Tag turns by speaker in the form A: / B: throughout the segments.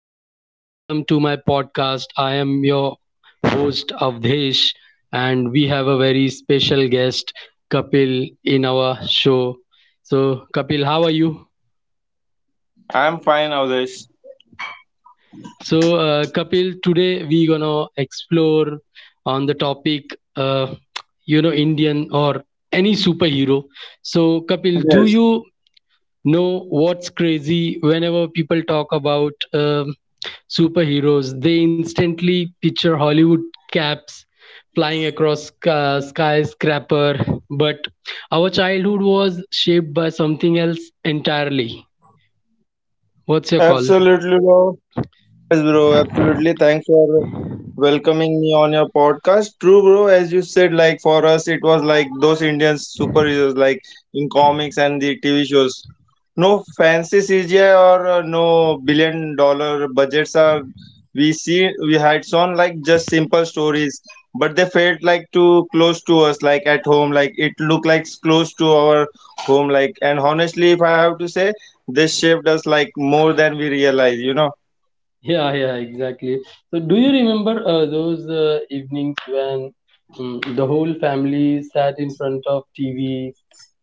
A: So, welcome to my podcast. I am your host, Avdesh, and we have a very special guest, Kapil, in our show. So, Kapil, how are you?
B: I'm fine, Avdesh.
A: So, Kapil, today we gonna explore on the topic, you know, Indian or any superhero. So, Kapil, do you
B: Yes,
A: No, what's crazy? Whenever people talk about superheroes, they instantly picture Hollywood caps flying across skyscraper. But our childhood was shaped by something else entirely. What's your call?
B: absolutely, bro. Yes, bro, absolutely. Thanks for welcoming me on your podcast. True, bro. As you said, like for us, it was like those Indian superheroes, like in comics and the TV shows. No fancy CGI or no $1 billion budgets are we had shown like just simple stories, but they felt like too close to us, like at home, like it looked like close to our home, like and honestly, if I have to say, they shaped us like more than we realize, you know.
A: Yeah, yeah, exactly. So, do you remember those evenings when the whole family sat in front of TV?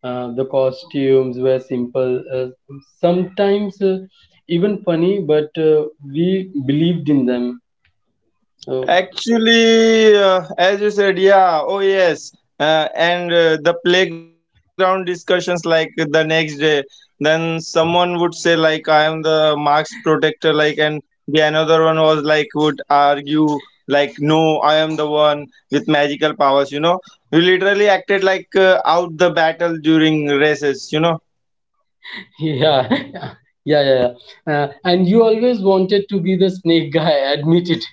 A: The costumes were simple, sometimes even funny, but we believed in them. Uh,
B: Actually, as you said, yeah, oh yes, and the playground discussions like the next day, then someone would say like I am the marks protector, like, and the another one was like would argue like no, I am the one with magical powers. You know, we literally acted like out the battle during races. You know.
A: yeah, yeah, yeah, yeah. And you always wanted to be the snake guy, admit it.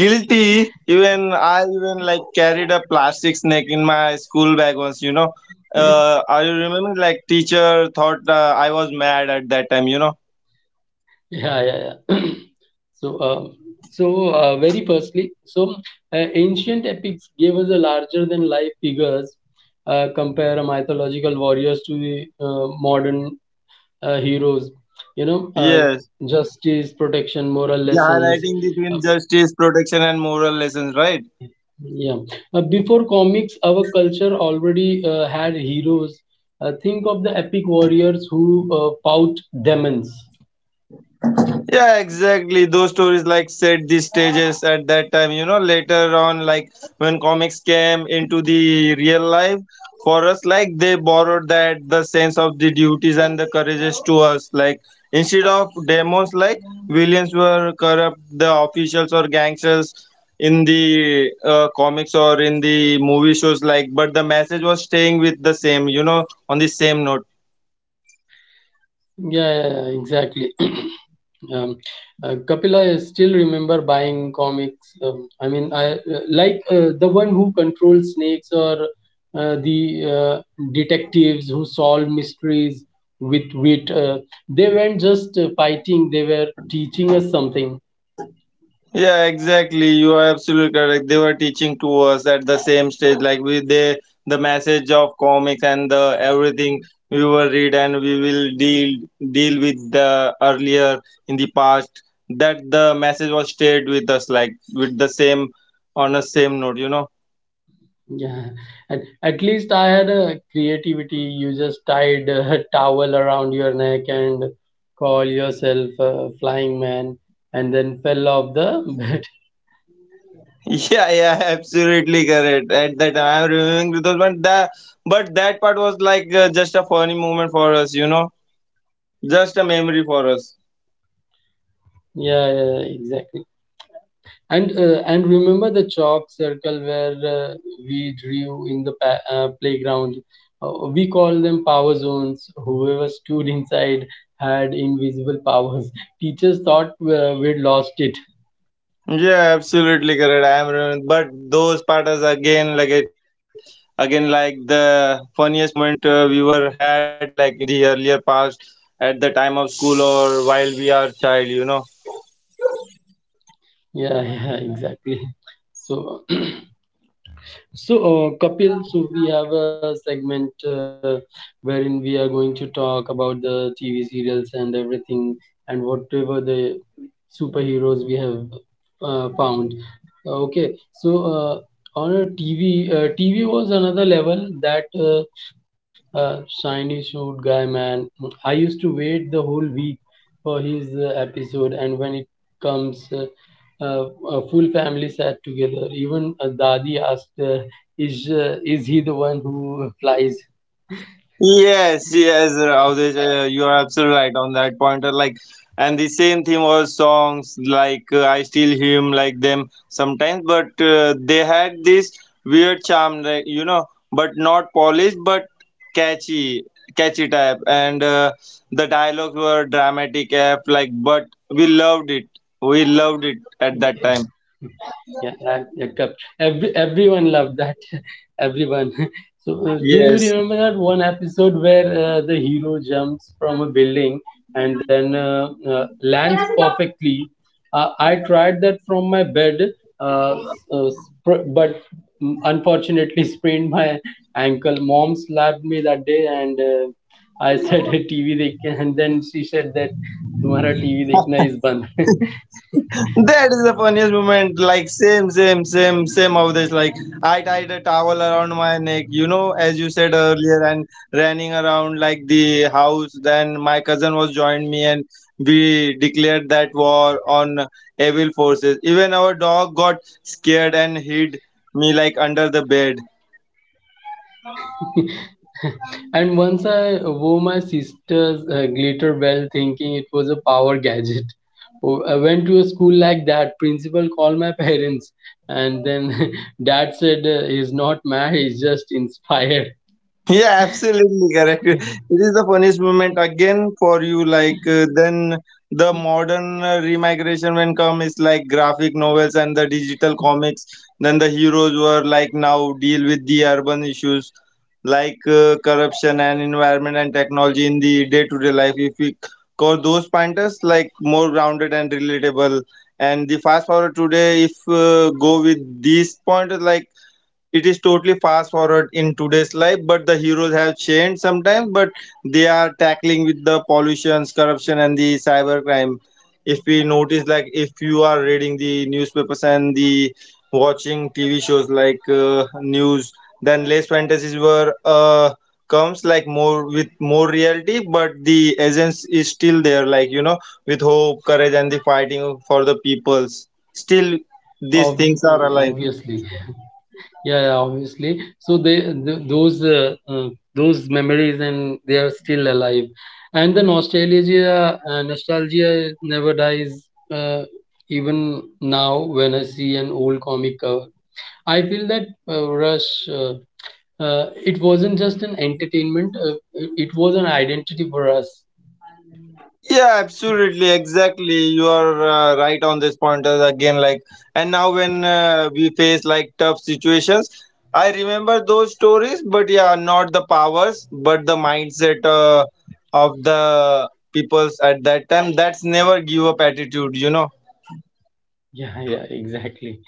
B: Guilty, even I even like carried a plastic snake in my school bag once, you know. I remember like teacher thought I was mad at that time, you know.
A: Yeah, yeah, yeah. So, um, so, very firstly, ancient epics gave us a larger than life figures. Compare mythological warriors to the modern heroes. You know,
B: Yes,
A: justice, protection, moral
B: yeah,
A: lessons.
B: highlighting the twin
A: Um,
B: justice protection and moral lessons, right.
A: yeah. Before comics, our culture already had heroes. Think of the epic warriors who fought demons.
B: Yeah, exactly. Those stories like set the stages at that time. You know, later on, like when comics came into the real life for us, like they borrowed that the sense of the duties and the courages to us. Like instead of demons, like villains were corrupt, the officials or gangsters in the comics or in the movie shows. Like, but the message was staying with the same. You know, on the same note.
A: Yeah, yeah, yeah, exactly. um, Kapila, I still remember buying comics. I mean, I like the one who controls snakes or the detectives who solve mysteries with wit. They weren't just fighting; they were teaching us something.
B: Yeah, exactly. You are absolutely correct. They were teaching to us at the same stage, like we they the message of comics and the everything we will read and we will deal with the earlier in the past that the message was stayed with us like with the same on a same note, you know.
A: Yeah, and at least I had a creativity. You just tied a towel around your neck and call yourself a flying man, and then fell off the bed.
B: Yeah, yeah, absolutely correct. At that time, I'm remembering those, but that part was like just a funny moment for us, you know, just a memory for us.
A: Yeah, yeah, exactly. And remember the chalk circle where we drew in the playground. We call them power zones. Whoever stood inside had invisible powers. Teachers thought we'd lost it.
B: Yeah, absolutely correct. I am, but those part is again like it, again like the funniest moment we were had like in the earlier past at the time of school or while we are child, you know.
A: Yeah, yeah, exactly. So. So, Kapil, so we have a segment uh, wherein we are going to talk about the TV serials and everything and whatever the superheroes we have found. Okay, so on a TV was another level that shiny suit guy man. I used to wait the whole week for his episode, and when it comes, a full family sat together. Even a dadi asked. Is he the one who flies?
B: Yes, yes, Avdesh, you are absolutely right on that point. Like, and the same thing was songs like I still hear 'em like them sometimes, but they had this weird charm, like, you know, but not polished, but catchy, catchy type. And the dialogues were dramatic, F like, but we loved it. We loved it at that time.
A: Yeah, Rag Jacob. Everyone loved that. everyone. So, do you
B: Yes.
A: remember that one episode where the hero jumps from a building and then lands perfectly? I tried that from my bed, uh, s- uh, but unfortunately sprained my ankle. Mom slapped me that day, and I said, "TV dekh," and then she said that, "Tumhara TV dekhna is band."
B: That is the funniest moment. Like same, same, same, same of this. Like I tied a towel around my neck, you know, as you said earlier, and running around like the house. Then my cousin was joined me, and we declared that war on evil forces. Even our dog got scared and hid me like under the bed.
A: And once I wore my sister's glitter bell thinking it was a power gadget. Oh, I went to a school like that. Principal called my parents, and then dad said he's not mad, he's just inspired.
B: Yeah, absolutely correct. It is the funniest moment again for you. Like then the modern remigration when come is like graphic novels and the digital comics. Then the heroes were like now deal with the urban issues like corruption and environment and technology in the day-to-day life. If we call those pointers like more grounded and relatable. And the fast forward today, if go with these pointers, like it is totally fast forward in today's life, but the heroes have changed sometimes but they are tackling with the pollutions, corruption, and the cybercrime. If we notice, like if you are reading the newspapers and the watching TV shows like news, then less fantasies were comes like more with more reality, but the essence is still there, like you know, with hope, courage, and the fighting for the peoples still these
A: Ob-
B: things are alive.
A: Obviously. Yeah, yeah, obviously. So they th those memories and they are still alive, and the nostalgia never dies. Uh, Even now, when I see an old comic cover, I feel that rush. Uh, uh, it wasn't just an entertainment; it was an identity for us.
B: Yeah, absolutely exactly you are right on this point as again like, and now when we face like tough situations, I remember those stories, but yeah, not the powers but the mindset of the peoples at that time, that's never give up attitude, you know.
A: Yeah, yeah, exactly.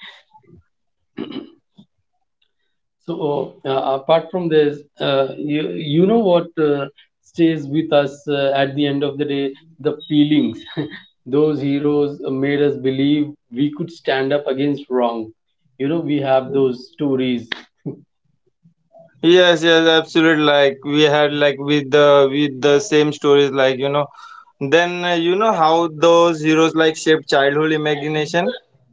A: So apart from this, you know what stays with us at the end of the day? The feelings. Those heroes made us believe we could stand up against wrong. You know, we have those stories.
B: Yes, yes, absolutely. Like we had like with the same stories, like you know, then you know how those heroes like shape childhood imagination.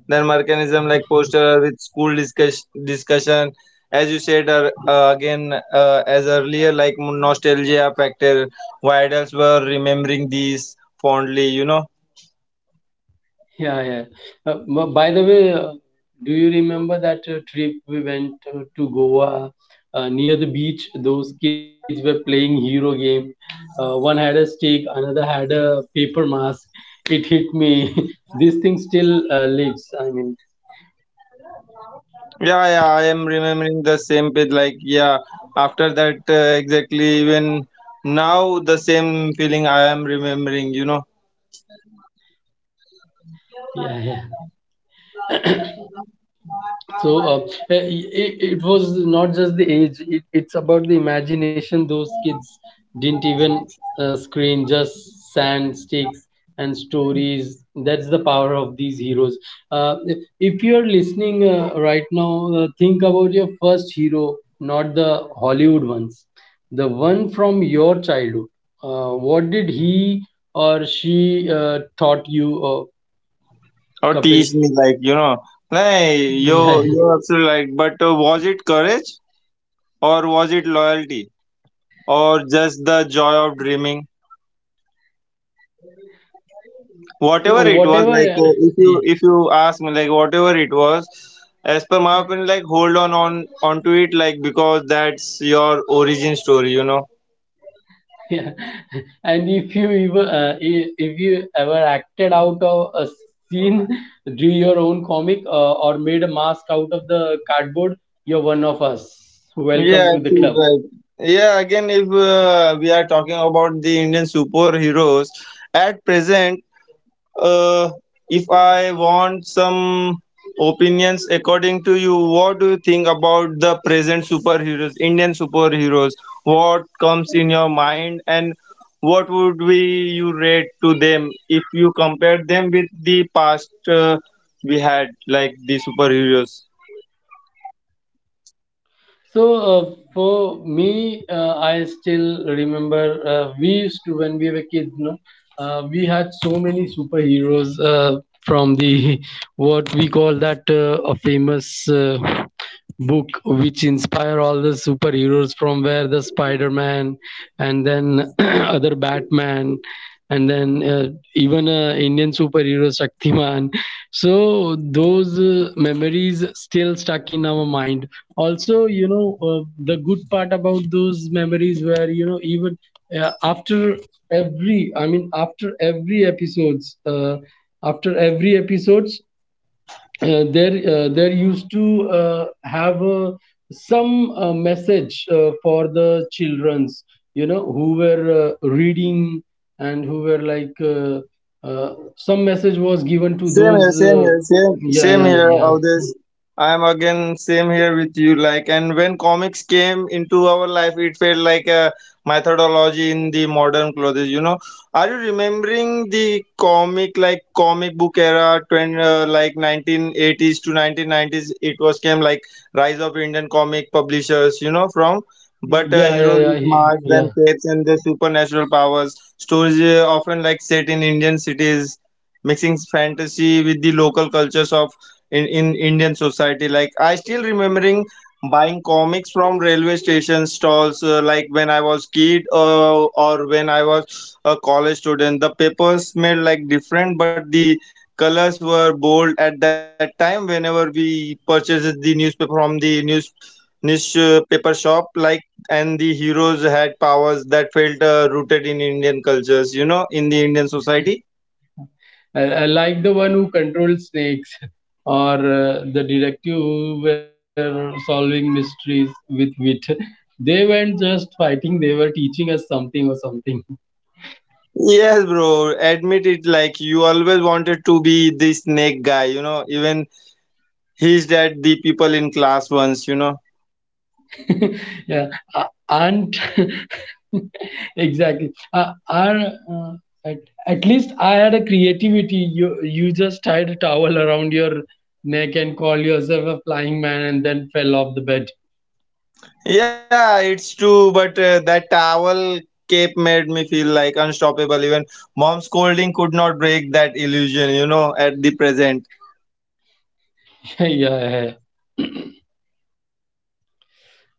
B: Then mechanism like poster with school discussion, as you said again as earlier, like nostalgia factor. Why adults were remembering these fondly, you know.
A: Yeah, yeah. By the way, do you remember that trip we went to Goa near the beach? Those kids were playing hero game. One had a stick, another had a paper mask. It hit me. This thing still lives. I mean,
B: Yeah, yeah, I am remembering the same page. Like, yeah, after that, exactly, even now, the same feeling I am remembering, you know,
A: yeah. So uh, eh, it, it was not just the age; it's about the imagination. Those kids didn't even screen, just sand, sticks, and stories. That's the power of these heroes. Uh, if you are listening right now, think about your first hero, not the Hollywood ones, the one from your childhood. What did he or she taught you,
B: or teach
A: Kapil?
B: me, like, you know, hey, you,
A: Yeah.
B: you're absolutely right. But was it courage, or was it loyalty, or just the joy of dreaming? Whatever
A: So
B: it was, like,
A: whatever.
B: if you
A: Yeah.
B: if you ask me, like, whatever it was, as per my opinion, like, hold on onto it, like, because that's your origin story, you know.
A: Yeah. And if you ever if you ever acted out of a scene, drew your own comic or made a mask out of the cardboard, you're one of us.
B: Yeah,
A: Welcome to the
B: absolutely
A: club.
B: right. Yeah, again, if we are talking about the Indian superheroes at present, uh, if I want some opinions according to you, what do you think about the present superheroes, Indian superheroes? What comes in your mind, and what would we you rate to them if you compare them with the past we had, like the superheroes?
A: So for me, I still remember we used to when we were kids. No, we had so many superheroes from the what we call that a famous book which inspire all the superheroes, from where the Spider Man and then other Batman and then even Indian superhero Shaktiman. So those memories still stuck in our mind. Also, you know, the good part about those memories were, you know, even uh, after I mean, after every episodes, after every episodes, there used to have some message for the childrens, you know, who were reading and who were like some message was given to
B: Same here,
A: those
B: same here, same
A: yeah,
B: same
A: yeah,
B: here,
A: yeah,
B: this I am again same here with you. Like, and when comics came into our life, it felt like a methodology in the modern clothes. You know, are you remembering the comic like comic book era, 20, like 1980s to 1990s? It was came like rise of Indian comic publishers. You know, from but
A: yeah, yeah,
B: heroes
A: yeah,
B: with masks,
A: yeah.
B: then capes, and the supernatural powers. Stories often like set in Indian cities mixing fantasy with the local cultures of in Indian society. Like I still remembering buying comics from railway station stalls like when I was kid or when I was a college student. The papers smelled like different, but the colors were bold at that time. Whenever we purchased the newspaper from the newspaper shop, like and the heroes had powers that felt rooted in Indian cultures. You know, in the Indian society.
A: I like the one who controlled snakes or the detective who were solving mysteries with wit. They weren't just fighting; they were teaching us something or something.
B: Yes, bro. Admit it. Like you always wanted to be the snake guy. You know, even he's that the people in class once. You know.
A: Yeah, aren't exactly. Uh, at, at least I had a creativity. You just tied a towel around your neck and called yourself a flying man, and then fell off the bed.
B: Yeah, it's true. But that towel cape made me feel like unstoppable. Even mom scolding could not break that illusion. You know, at the present.
A: Yeah, yeah. Yeah.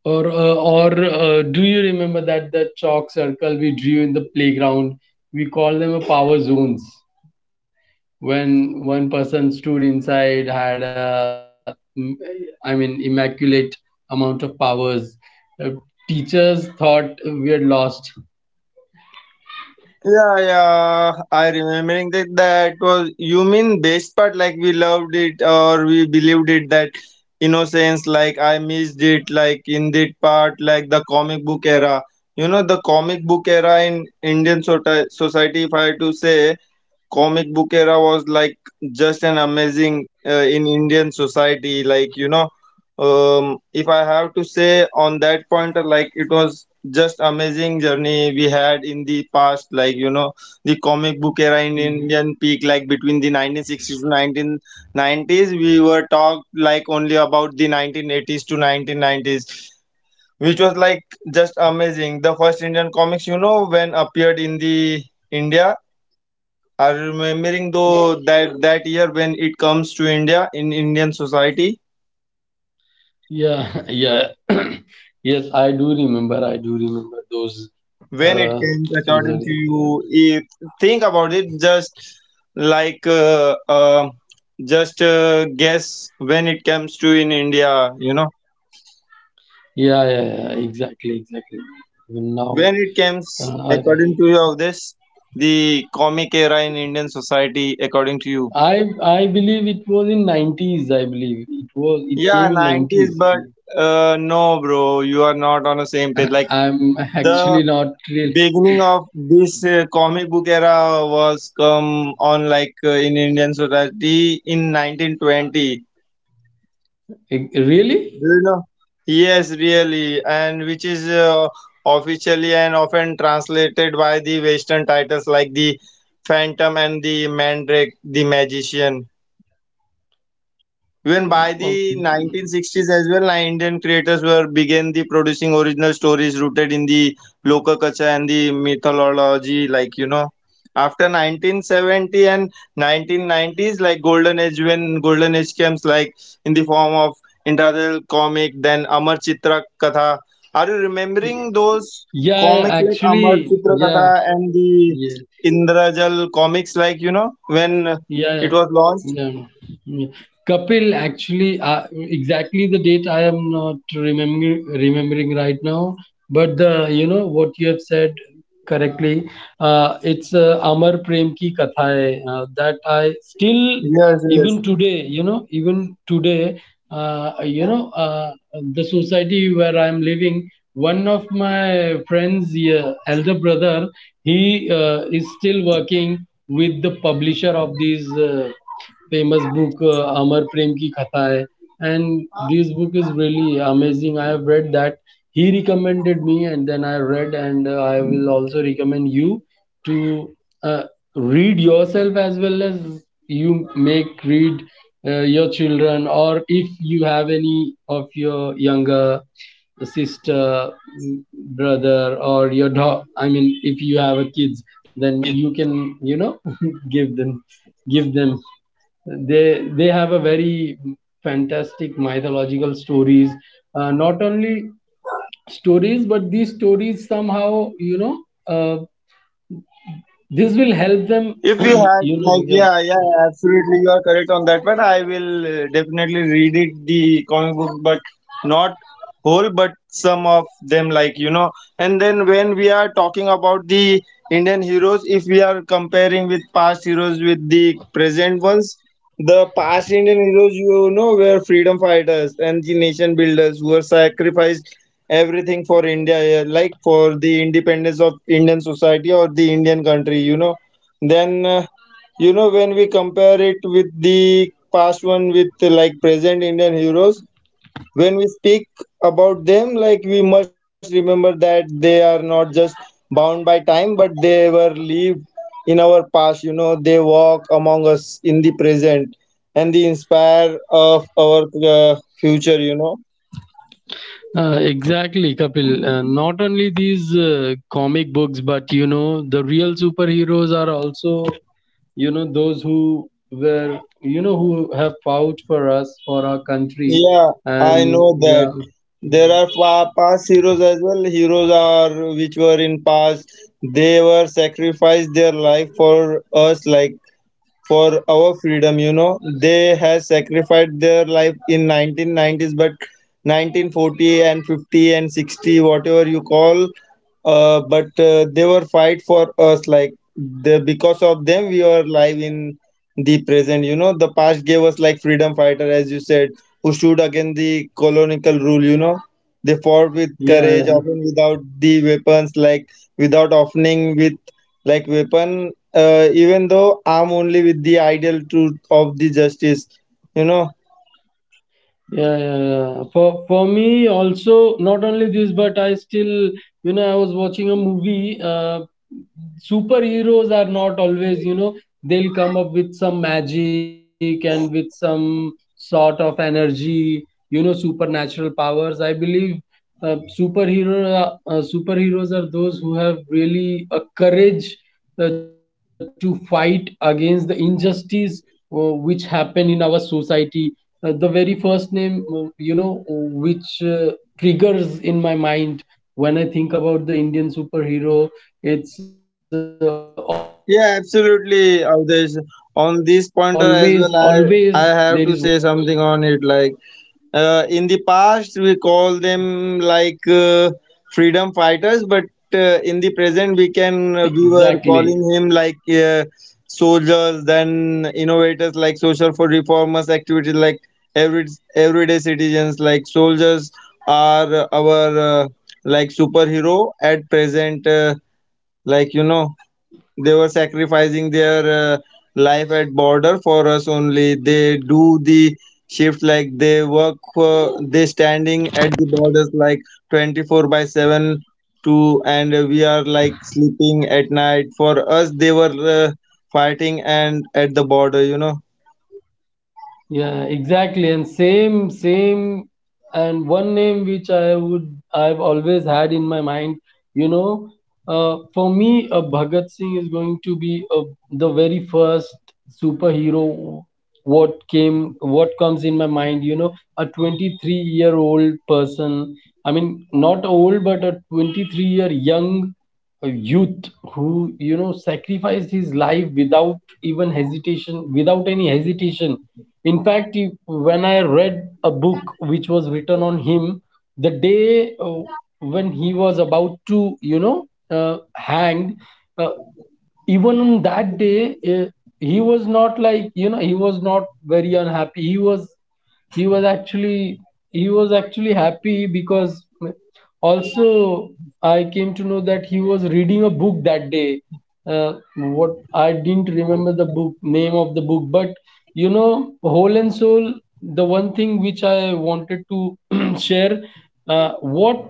A: Or do you remember that the chalk circle we drew in the playground? We call them a power zones. When one person stood inside had a immaculate amount of powers. Uh, Teachers thought we had lost.
B: Yeah, yeah. I remembering that that was you mean best part, like we loved it or we believed it that innocence. Like I missed it like in that part, like the comic book era. You know the comic book era in Indian society. If I had to say, comic book era was like just an amazing in Indian society. Like you know, if I have to say on that point, like it was just amazing journey we had in the past. Like you know, the comic book era in
A: Mm.
B: Indian peak, like between the 1960s to 1990s, we were talked like only about the 1980s to 1990s. Which was like just amazing. The first Indian comics, you know, when appeared in the India, are you remembering though that that year when it comes to India in Indian society,
A: Yeah, yeah. Yes, I do remember, I do remember those
B: when it
A: uh
B: came
A: things
B: according
A: that-
B: to
A: yeah,
B: you, if think about it, just like just guess when it comes to in India, you know,
A: yeah, yeah, exactly, exactly. Even now
B: when it
A: uh,
B: comes
A: I,
B: according to you of this the comic era in Indian society according to you.
A: I I believe it was in 90s, I believe it was, it
B: Yeah,
A: came in
B: nineties,
A: 90s.
B: but no, bro, you are not on the same page. Like
A: I'm actually
B: the
A: not really,
B: beginning of this comic book era was come on like in Indian society in 1920. Do
A: really.
B: you know? Yes, really, and which is officially and often translated by the Western titles like the Phantom and the Mandrake, the Magician. Even by
A: Um, um,
B: the 1960s as well, Indian creators were began the producing original stories rooted in the local culture and the mythology. Like you know, after 1970 and 1990s, like golden age when golden age comes, like in the form of Intradil comic, then Amar Chitra Katha. Are you remembering those
A: yeah, yeah,
B: comics like Amar
A: actually,
B: Chitra
A: yeah,
B: Katha and the
A: yeah,
B: Indrajal comics? Like you know when
A: yeah. Yeah.
B: it was launched.
A: Yeah. Yeah. Kapil, actually, exactly the date I am not remembering right now, but the, you know, what you have said correctly. It's Amar Prem Ki Katha Hai, that I still
B: Yes,
A: even
B: yes.
A: today, you know, even today, you know, the society where I am living. One of my friends, yeah, elder brother, he is still working with the publisher of these. Famous book Amar Prem Ki Katha Hai. And this book is really amazing. I have read that. He recommended me, and then I read, and I will also recommend you to uh, read yourself as well as you make read your children, or if you have any of your younger sister, mm, brother, or your dog. I mean, if you have a kids, then you can, you know, give them, give them, they have a very fantastic mythological stories, not only stories, but these stories somehow, you know, uh, this will help them.
B: If we had,
A: You know.
B: like,
A: Yeah.
B: yeah, yeah, absolutely, you are correct on that. But I will definitely read it, the comic book, but not whole, but some of them, like, you know. And then when we are talking about the Indian heroes, if we are comparing with past heroes with the present ones, the past Indian heroes, you know, were freedom fighters and the nation builders who were sacrificed everything for India, yeah, like for the independence of Indian society or the Indian country, you know. Then you know, when we compare it with the past one with like present indian heroes, when we speak about them, like we must remember that they are not just bound by time, but they were lived in our past. You know, they walk among us in the present, and they inspire of our future, you know.
A: Exactly, Kapil. Not only these comic books, but you know, the real superheroes are also, you know, those who were, you know, who have fought for us, for our country.
B: Yeah, I
A: And
B: know
A: yeah,
B: that. There are past heroes as well. Heroes are which were in past. They were sacrificed their life for us, like for our freedom, you know, they has sacrificed their life in 1990s, but 1940 and 50 and 60, whatever you call, but they were fight for us, like the because of them we are live in the present, you know. The past gave us, like, freedom fighter, as you said, who stood against the colonial rule, you know, they fought with
A: yeah,
B: courage,
A: yeah.
B: often without the weapons, like without offering with like weapon, even though I'm only with the ideal truth of the justice, you know.
A: Yeah, yeah, yeah. For me also, not only this, but I still, you know, I was watching a movie. Superheroes are not always, you know, they'll come up with some magic and with some sort of energy, you know, supernatural powers. I believe uh, superhero superheroes are those who have really a courage to fight against the injustice which happen in our society. The very first name, you know, which triggers in my mind when I think about the Indian superhero, it's always
B: Yeah,
A: there is one
B: absolutely,
A: name.
B: Avdesh. On
A: I
B: this pointer as well, I have to say something on it. Like, uh, in the past, we call them like freedom fighters, but in the present, we can we
A: exactly.
B: were calling him like soldiers, then innovators, like social for reformers, activities, like every everyday citizens like soldiers are our like superhero at present, like you know, they were sacrificing their life at border for us only. They do the shift, like they work for, they standing at the borders like 24 by 7. To and we are like sleeping at night, for us they were uh, fighting and at the border, you know.
A: Yeah, exactly. And same, same, and one name which I would, I've always had in my mind, you know, for me, Bhagat Singh is going to be the very first superhero, what came, what comes in my mind, you know, a 23-year-old person. I mean, not old, but a 23-year young, a youth who, you know, sacrificed his life without even hesitation, without any hesitation. In fact, if, when I read a book which was written on him, the day when he was about to, you know, hanged, uh, even on that day, he was not like, you know, he was not very unhappy. He was, he was actually, he was actually happy because also I came to know that he was reading a book that day. uh, what, I didn't remember the book, name of the book, but you know, whole and soul, the one thing which I wanted to share, what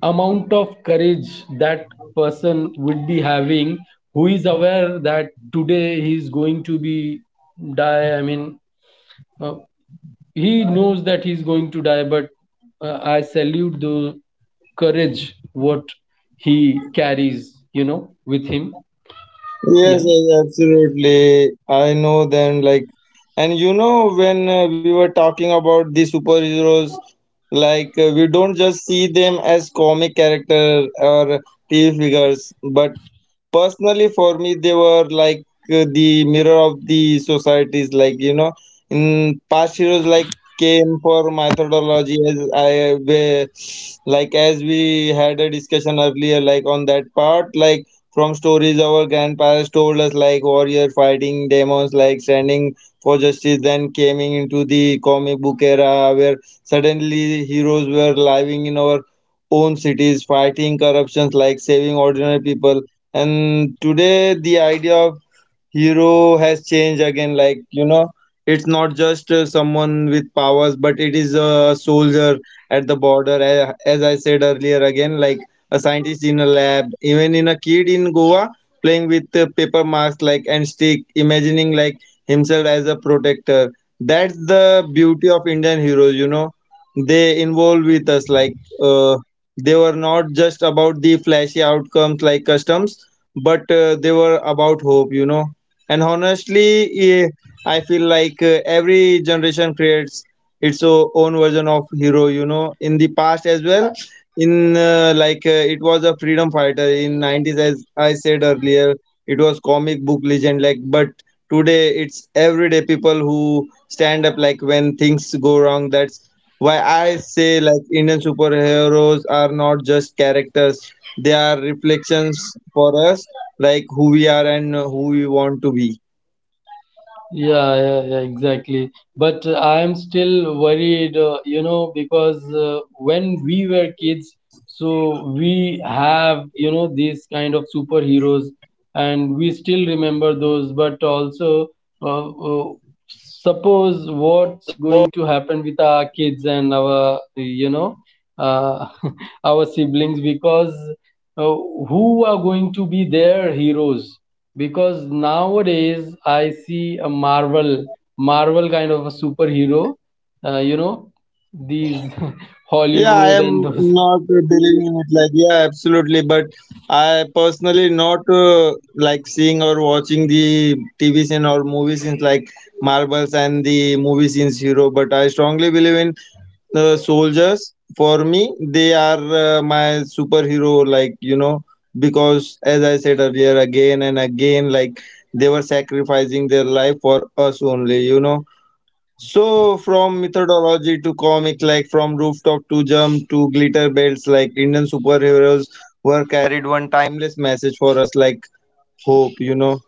A: amount of courage that person would be having who is aware that today he is going to be die, I mean, uh, he knows that he's going to die. But I salute the courage what he carries, you know, with him.
B: Yes,
A: Yeah.
B: yes, absolutely. I know them. Like, and you know, when we were talking about the superheroes, like, we don't just see them as comic character or TV figures, but personally, for me, they were like the mirror of the societies. Like you know, in past heroes like came for methodology as I where, like as we had a discussion earlier, like on that part, like from stories our grandparents told us, like warrior fighting demons, like standing for justice. Then came into the comic book era where suddenly heroes were living in our own cities, fighting corruptions, like saving ordinary people. And today, the idea of hero has changed again, like you know, it's not just someone with powers, but it is a soldier at the border, as I said earlier again, like a scientist in a lab, even in a kid in goa playing with paper marks like and stick, imagining like himself as a protector. That's the beauty of indian heroes, you know, they involve with us, like uh, they were not just about the flashy outcomes like customs, but they were about hope, you know. And honestly, eh, I feel like every generation creates its own version of hero, you know, in the past as well, in like it was a freedom fighter. In 90s, as I said earlier, it was comic book legend, like but today it's everyday people who stand up like when things go wrong. That's why I say like indian superheroes are not just characters, they are reflections for us, like who we are and who we want to be.
A: Yeah, yeah, yeah, exactly. But I am still worried, you know, because when we were kids, so we have, you know, these kind of superheroes, and we still remember those. But also, uh, uh, suppose what's going to happen with our kids and our, you know, uh, our siblings, because uh, who are going to be their heroes? Because nowadays I see a Marvel, Marvel kind of a superhero, you
B: Yeah, I
A: know,
B: am not
A: these
B: believing in it. Like,
A: Hollywood
B: yeah,
A: and those.
B: absolutely. But I personally not like seeing or watching the TV scene or movie scenes like Marvels and the movie scenes hero. But I strongly believe in the soldiers. For me, they are my superhero. Like you know, because as I said earlier, again and again, like they were sacrificing their life for us only. You know. So, from methodology to comic, like from rooftop to jump to glitter belts, like Indian superheroes were carried one timeless message for us, like hope, you know.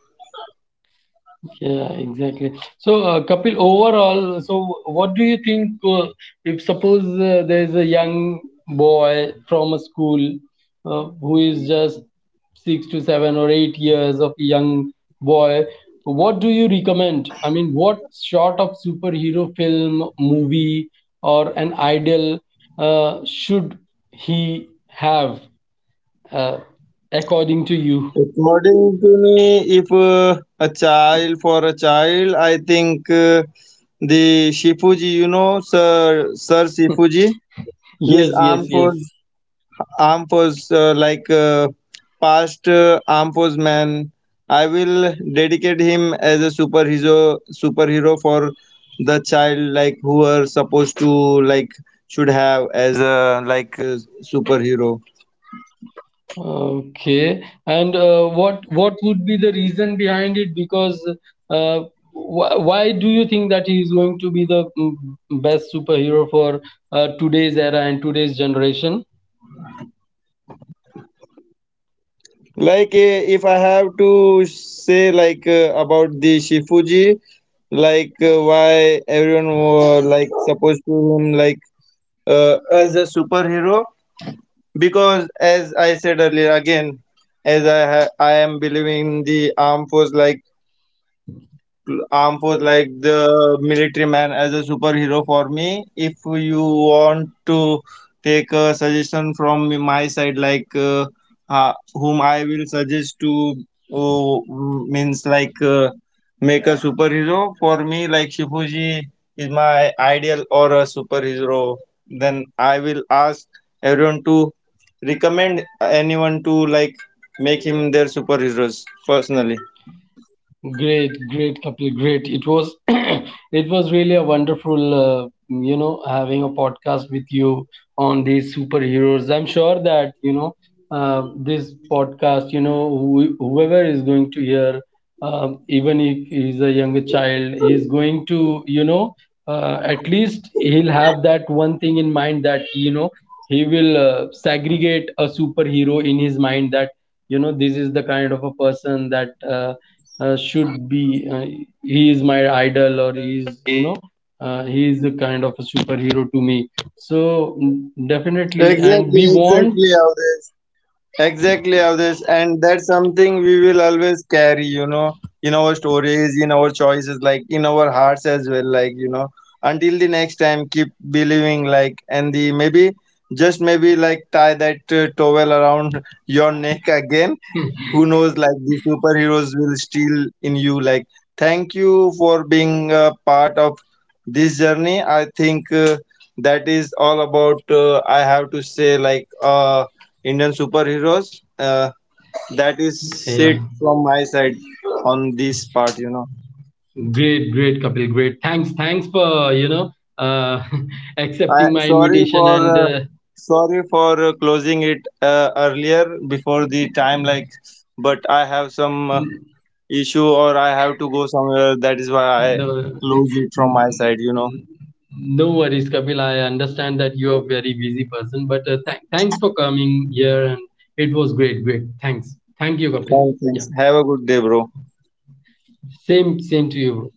A: Yeah, exactly. So, Kapil, overall, so what do you think if suppose there's a young boy from a school who is just 6 to 7 or 8 years of young boy, what do you recommend? I mean, what sort of superhero film, movie, or an ideal should he have uh, according to you?
B: According to me, if a child for a child, I think the Shifuji, you know, Sir, Sir Shifuji, his
A: Yes, yes, yes.
B: armed force like past armed force man. I will dedicate him as a superhero for the child, like who are supposed to like should have as a like superhero.
A: Okay, and what what would be the reason behind it? Because uh, why do you think that he is going to be the best superhero for today's era and today's generation?
B: Like if I have to say like about the Shifuji, like why everyone were like supposed to him like as a superhero, because as I said earlier again, as I I am believing the armed force, like arm for like the military man as a superhero for me. If you want to take a suggestion from my side, like whom I will suggest to uh, means like make a superhero for me, like Shifuji is my ideal or a superhero. Then I will ask everyone to recommend anyone to, like, make him their superheroes personally.
A: Great, great, Kapil, great. It was it was really a wonderful, you know, having a podcast with you on these superheroes. I'm sure that you know this podcast. You know, who, whoever is going to hear, even if he's a younger child, he's going to, you know, at least he'll have that one thing in mind that, you know, he will segregate a superhero in his mind that you know this is the kind of a person that. Should be uh, he is my idol, or he is, you know, he is a kind of a superhero to me. So, definitely, and we
B: Exactly,
A: want
B: exactly, Avdesh. Exactly, Avdesh, and that's something we will always carry, you know, in our stories, in our choices, like in our hearts as well, like you know, until the next time, keep believing, like, and the maybe just maybe like tie that towel around your neck again. Who knows, like the superheroes will steal in you, like thank you for being a part of this journey. I think that is all about I have to say like indian superheroes, uh, that is
A: yeah,
B: it from my side on this part, you know.
A: great, great, Kapil, great. Thanks, thanks for, you know, uh,
B: I
A: accepting my
B: sorry
A: invitation
B: for
A: and
B: uh, sorry for closing it earlier before the time, like but I have some
A: n-
B: issue, or I have to go somewhere. That is why I
A: no,
B: close it from my
A: n-
B: side, you know.
A: n- no worries, Kapil. I understand that you are a very busy person, but thanks for coming here. And it was great, great, thanks. Thank you, Kapil.
B: Thanks, thanks.
A: Yeah.
B: Have a good day, bro.
A: Same, same to you,